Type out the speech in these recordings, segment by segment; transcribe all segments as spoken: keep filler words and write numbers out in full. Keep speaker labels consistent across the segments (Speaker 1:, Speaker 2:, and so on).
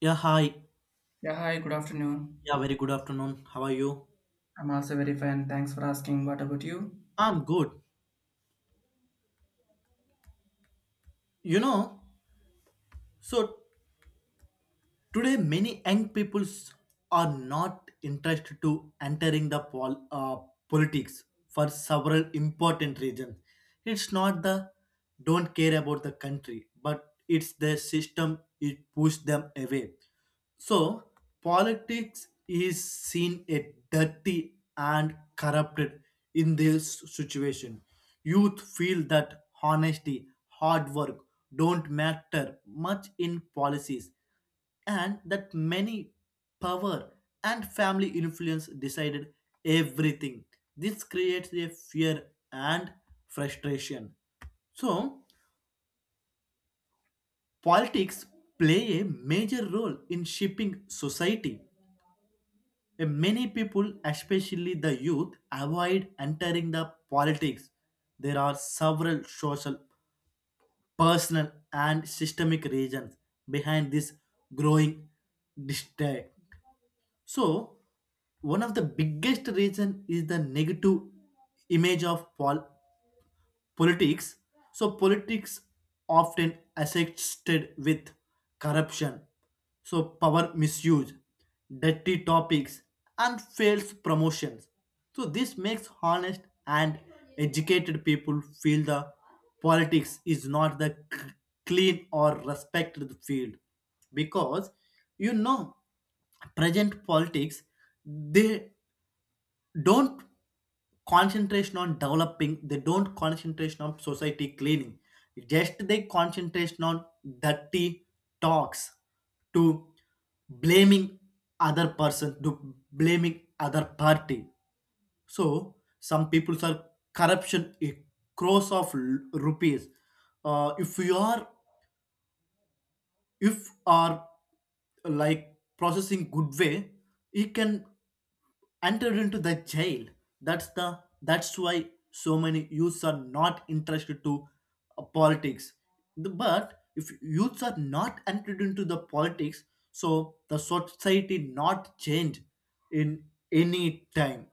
Speaker 1: Yeah, hi.
Speaker 2: Yeah, hi, good afternoon.
Speaker 1: Yeah, very good afternoon. How are you?
Speaker 2: I'm also very fine. Thanks for asking. What about you?
Speaker 1: I'm good. You know, so today many young peoples are not interested to entering the pol- uh, politics for several important reasons. It's not the don't care about the country, but it's the system it pushed them away. So, Politics is seen a dirty and corrupted in this situation. Youth feel that honesty, hard work don't matter much in policies, and that many power and family influence decided everything. This creates a fear and frustration. So, Politics play a major role in shaping society. Many people, especially the youth, avoid entering the politics. There are several social, personal, and systemic reasons behind this growing distaste. So, One of the biggest reason is the negative image of pol- politics. So politics often associated with corruption, so power misuse, dirty topics, and false promotions. So this makes honest and educated people feel the politics is not the c- clean or respected field, because you know present politics, they don't concentration on developing, they don't concentration on society cleaning, just they concentration on dirty talks, to blaming other person, to blaming other party. So some people are corruption a crores of l- rupees. Uh, if you are, if are, like processing good way, he can enter into the jail. That's the that's why so many youths are not interested to uh, politics. The- but if youths are not entered into the politics, so the society not change in any time.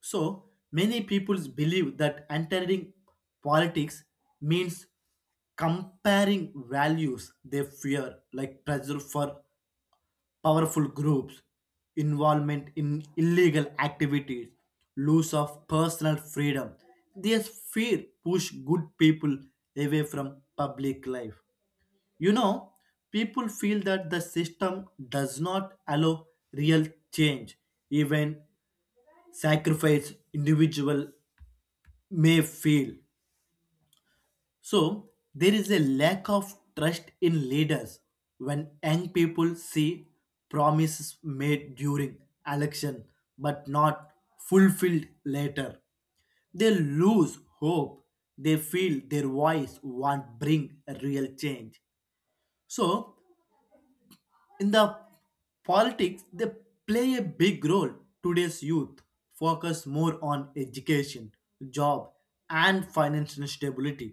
Speaker 1: So many people believe that entering politics means comparing values. They fear, like pressure for powerful groups, involvement in illegal activities, loss of personal freedom. This fear push good people away from public life. You know, people feel that the system does not allow real change, even sacrifice individual may fail. So, there is a lack of trust in leaders when young people see promises made during election but not fulfilled later. They lose hope. They feel their voice won't bring a real change. So, in the politics they play a big role. Today's youth focus more on education, job, and financial stability.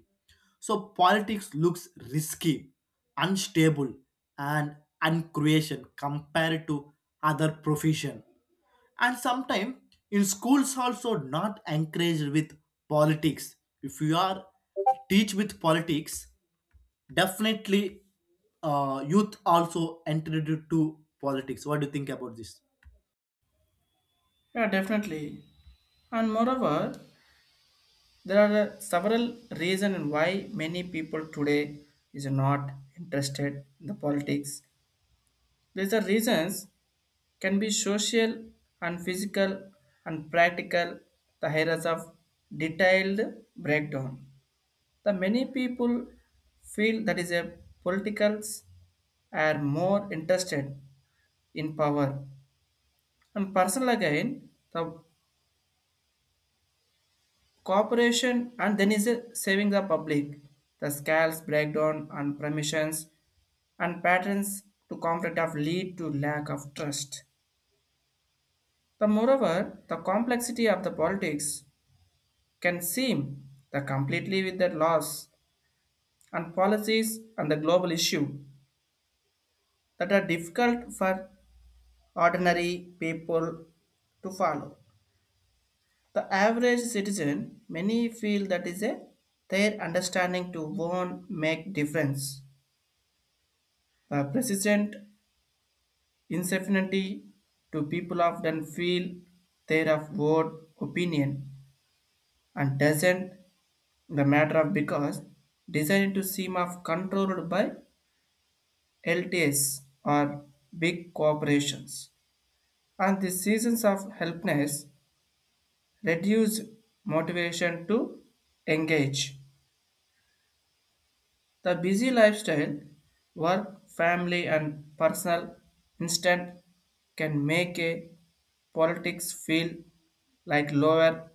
Speaker 1: So politics looks risky, unstable, and uncreation compared to other profession. And sometimes in schools also not encouraged with politics. If you are teach with politics, definitely uh, youth also entered into politics. What do you think about this?
Speaker 2: Yeah, definitely. And moreover, there are uh, several reasons why many people today is not interested in the politics. These are reasons can be social and physical and practical. The areas of detailed breakdown. The many people feel that is a politicals are more interested in power and personal again the corporation and then is a saving the public the scales breakdown and permissions and patterns to conflict of lead to lack of trust the moreover the complexity of the politics can seem the completely with the laws and policies and the global issue that are difficult for ordinary people to follow. The average citizen, many feel that is a their understanding to won't make difference. The persistent insensitivity to people often feel their of word opinion and doesn't the matter of because designed to seem of controlled by L T S or big corporations. And the seasons of helplessness reduce motivation to engage. The busy lifestyle, work, family, and personal instant can make a politics feel like lower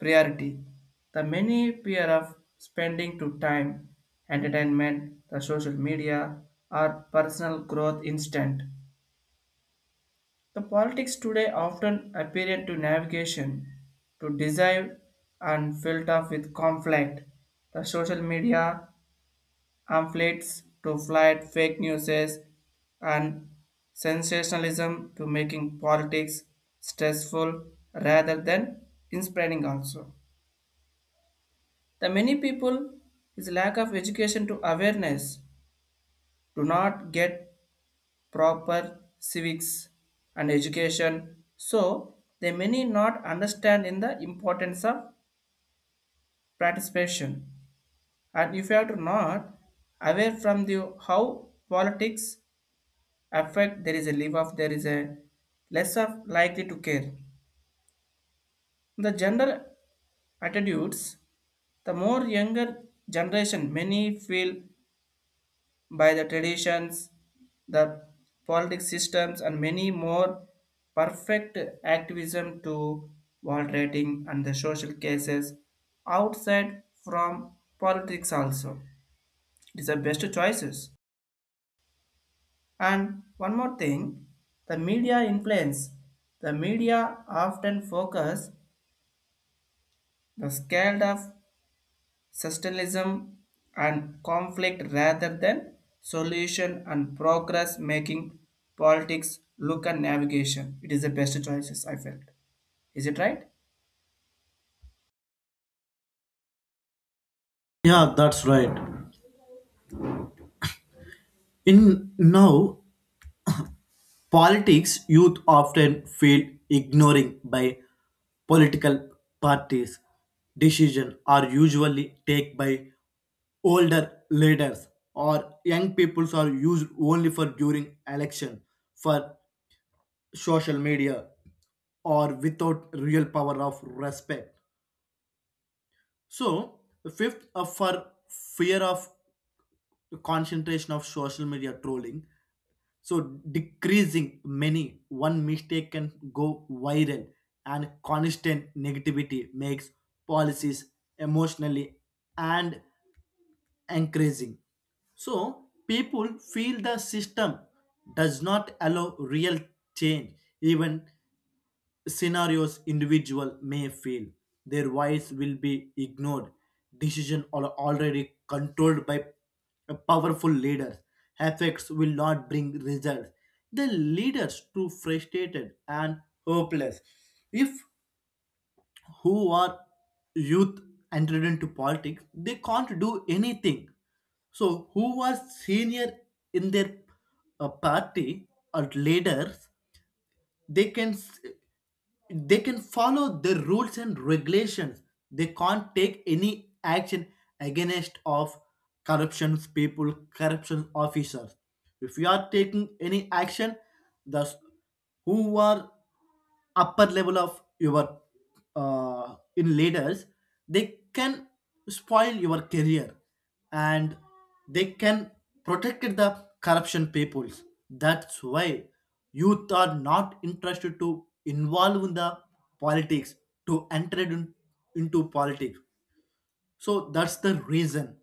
Speaker 2: priority. The many peer of spending to time, entertainment, the social media, or personal growth instant. The politics today often appear to navigation, to desire and filled up with conflict. The social media pamphlets to fight fake news and sensationalism to making politics stressful rather than inspiring also the many people is lack of education to awareness do not get proper civics and education, so they many not understand in the importance of participation. And if you are to not aware from the how politics effort, there is a leave off, there is a less of likely to care the gender attitudes. The more younger generation many feel by the traditions, the politics systems and many more perfect activism to rating and the social cases outside from politics also, it is the best choices. And one more thing, the media influence. The media often focus the scale of socialism and conflict rather than solution and progress making politics look and navigation. It is the best choices I felt. Is it right?
Speaker 1: Yeah, that's right. In now politics, youth often feel ignoring by political parties. Decision are usually take by older leaders, or young peoples are used only for during election, for social media, or without real power of respect. So, fifth, uh, for fear of concentration of social media trolling, so decreasing many, one mistake can go viral, and constant negativity makes policies emotionally and encouraging. So people feel the system does not allow real change. Even scenarios individual may feel their voice will be ignored, decision are already controlled by a powerful leaders, effects will not bring results. They lead us to frustrated and hopeless. If who are youth entered into politics, they can't do anything. So who are senior in their uh, party or leaders, they can s- they can follow the rules and regulations. They can't take any action against of corruption people, corruption officers. If you are taking any action, thus who are upper level of your uh, in leaders, they can spoil your career, and they can protect the corruption peoples. That's why youth are not interested to involve in the politics, to enter in- into politics. So that's the reason.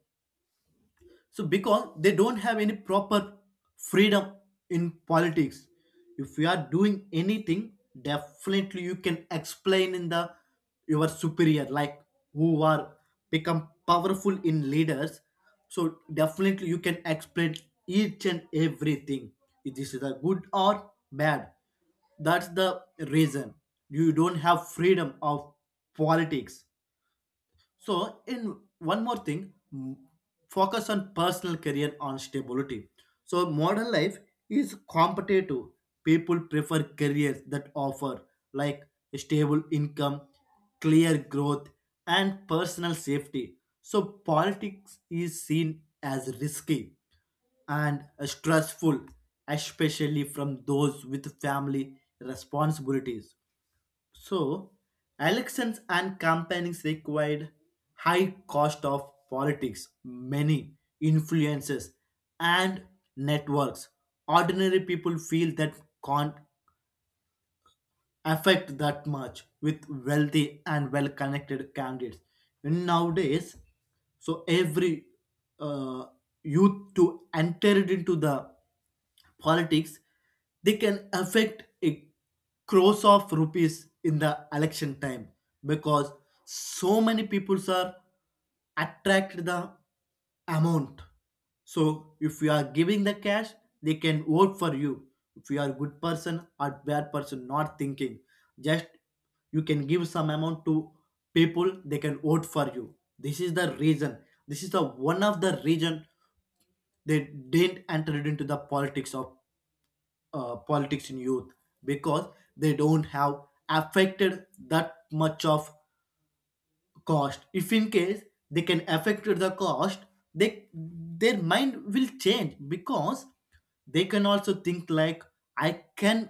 Speaker 1: So because they don't have any proper freedom in politics. If you are doing anything, definitely you can explain in the your superior, like who are become powerful in leaders. So definitely you can explain each and everything, if this is a good or bad. That's the reason. You don't have freedom of politics. So, in one more thing, mm, focus on personal career on stability. So, modern life is competitive. People prefer careers that offer like a stable income, clear growth, and personal safety. So, politics is seen as risky and stressful, especially from those with family responsibilities. So, elections and campaigns required high cost of politics, many influences and networks. Ordinary people feel that can't affect that much with wealthy and well connected candidates in nowadays. So every uh, youth to enter it into the politics, they can affect a crores of rupees in the election time. Because so many people are attract the amount. So if you are giving the cash, they can vote for you. If you are good person or bad person, not thinking, just you can give some amount to people, they can vote for you. This is the reason. This is the one of the reason they didn't enter it into the politics of uh, politics in youth, because they don't have affected that much of cost. If in case they can affect the cost, they, their mind will change, because they can also think like I can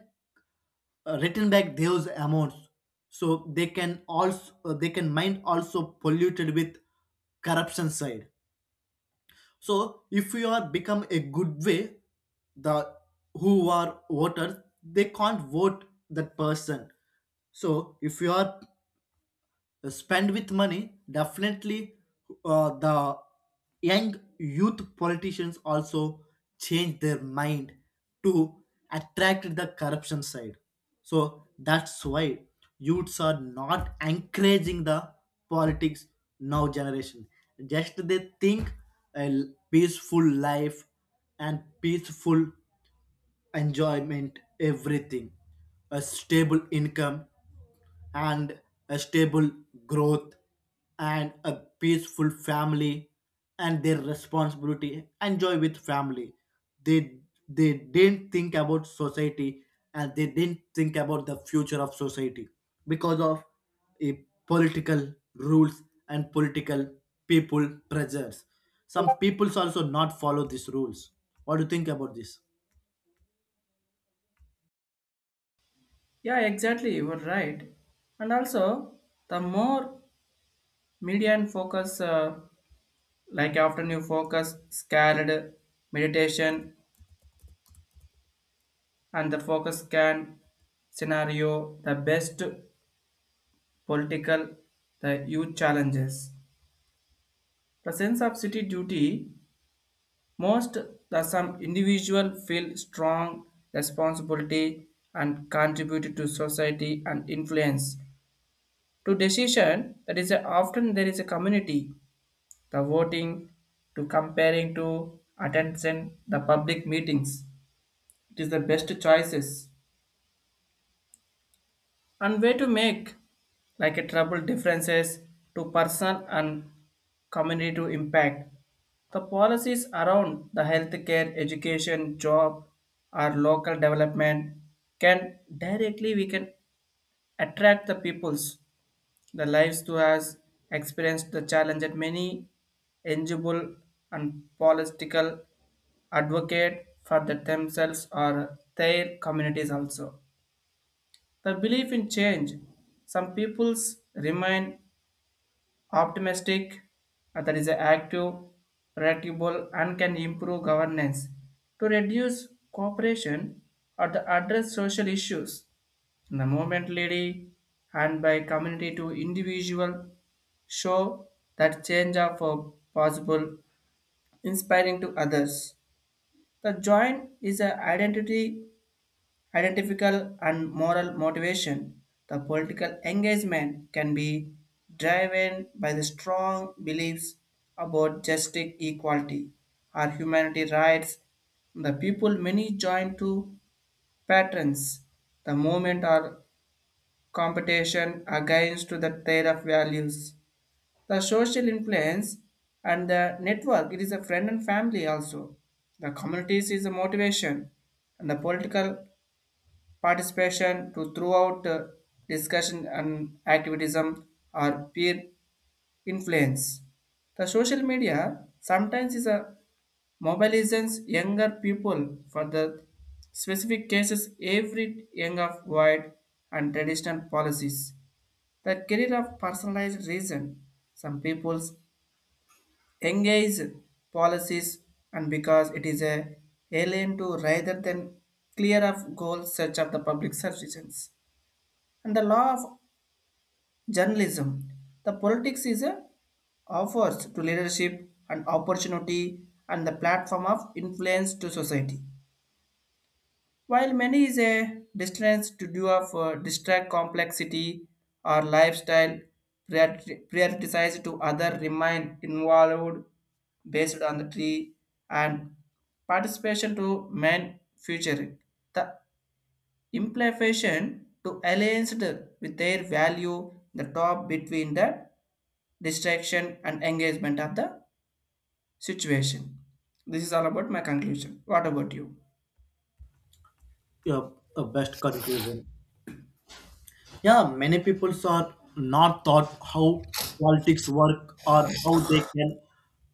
Speaker 1: uh, return back those amounts. So they can also uh, they can mind also polluted with corruption side. So if you are become a good way, the who are voters, they can't vote that person. So if you are spend with money, definitely uh, the young youth politicians also change their mind to attract the corruption side. So that's why youths are not encouraging the politics. Now generation, just they think a peaceful life and peaceful enjoyment, everything, a stable income and a stable growth and a peaceful family and their responsibility enjoy with family. they they didn't think about society, and they didn't think about the future of society, because of a political rules and political people pressures. Some peoples also not follow these rules. What do you think about this?
Speaker 2: Yeah, exactly. You were right. And also, the more media and focus, uh, like often you focus, scared, meditation, and the focus can scenario the best political the youth challenges the sense of city duty most the some individual feel strong responsibility and contribute to society and influence to decision that is a, often there is a community the voting to comparing to attention the public meetings, it is the best choices and way to make like a trouble differences to person and community to impact. The policies around the healthcare, education, job, or local development can directly we can attract the peoples, the lives to us experienced the challenge that many eligible and political advocate for the themselves or their communities also. The belief in change. Some peoples remain optimistic, uh, that is active, predictable, and can improve governance to reduce cooperation or to address social issues. In the movement lady and by community to individual show that change of uh, possible, inspiring to others. The joint is an identity identical and moral motivation. The political engagement can be driven by the strong beliefs about justice, equality, or humanity rights. The people many join to patrons the movement or competition against to the their of values. The social influence and the network, it is a friend and family also. The communities is a motivation and the political participation to throughout uh, discussion and activism or peer influence. The social media sometimes is a mobilizes younger people for the specific cases every young of void and traditional policies. The career of personalized reason. Some people's engage policies and because it is a alien to rather than clear of goals such as the public services. And the law of journalism, the politics is a offers to leadership and opportunity and the platform of influence to society. While many is a distance to do of uh, distract complexity or lifestyle priori- prioritized to other remain involved based on the tree and participation to main future. The implication to aligned with their value the top between the distraction and engagement of the situation, this is all about my conclusion. What about you?
Speaker 1: uh, uh, Best conclusion. Yeah, many people are not taught how politics work or how they can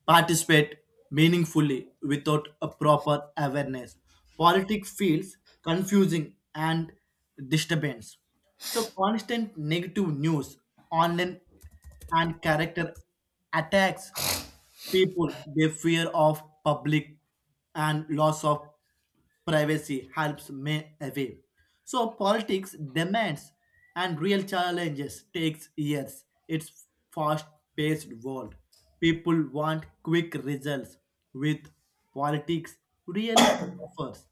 Speaker 1: participate meaningfully without a proper awareness. Politics feels confusing and disturbance. So constant negative news, online and character attacks, people they fear of public and loss of privacy helps me away. So politics demands and real challenges takes years. It's fast-paced world. People want quick results with politics really offers.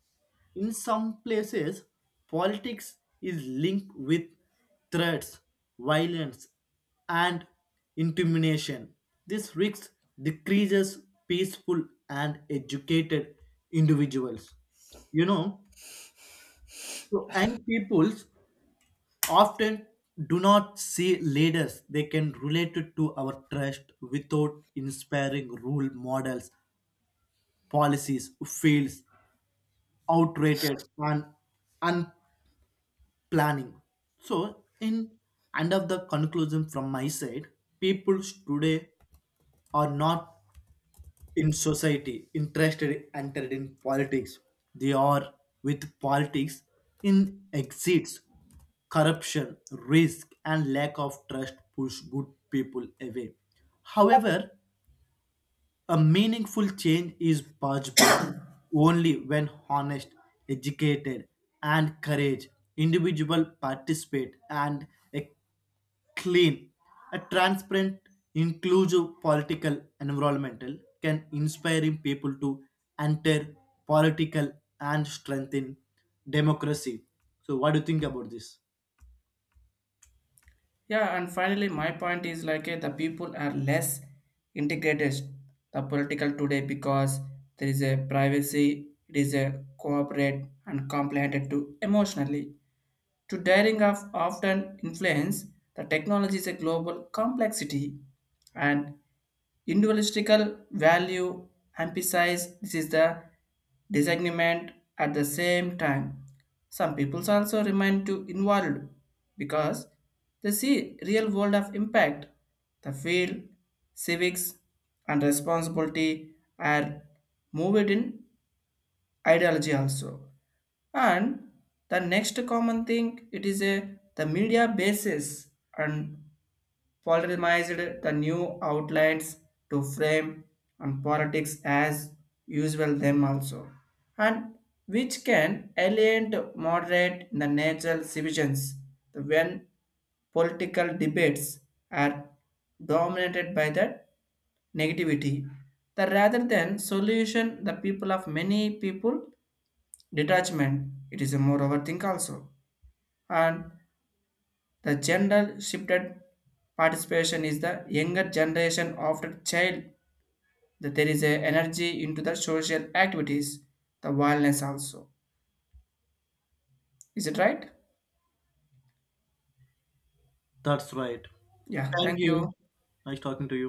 Speaker 1: In some places, politics is linked with threats, violence, and intimidation. This risk decreases peaceful and educated individuals. You know, so young peoples often do not see leaders they can relate it to our trust. Without inspiring role models, policies, fields, outdated and unplanning. So, in end of the conclusion from my side, people today are not in society interested entered in politics. They are with politics in exits. Corruption risk and lack of trust push good people away. However, a meaningful change is possible only when honest, educated, and courage individual participate. And a clean, a transparent, inclusive political environmental can inspiring people to enter political and strengthen democracy. So what do you think about this?
Speaker 2: Yeah, and finally, my point is like eh, the people are less integrated the political today because there is a privacy, it is a cooperate and complicated to emotionally. To daring of often influence the technology is a global complexity and individualistical value emphasize this is the disagreement at the same time. Some people also remain too involved because they see real world of impact, the field, civics, and responsibility are moved in ideology also. And the next common thing it is a the media basis and formalized the new outlines to frame and politics as usual them also, and which can alienate moderate the natural civilians when political debates are dominated by the negativity the rather than solution the people of many people detachment it is a more overthink also, and the gender shifted participation is the younger generation after child that there is a energy into the social activities, the wellness also. Is it right?
Speaker 1: That's right.
Speaker 2: Yeah,
Speaker 1: Thank
Speaker 2: thank
Speaker 1: you.
Speaker 2: you.
Speaker 1: Nice talking to you.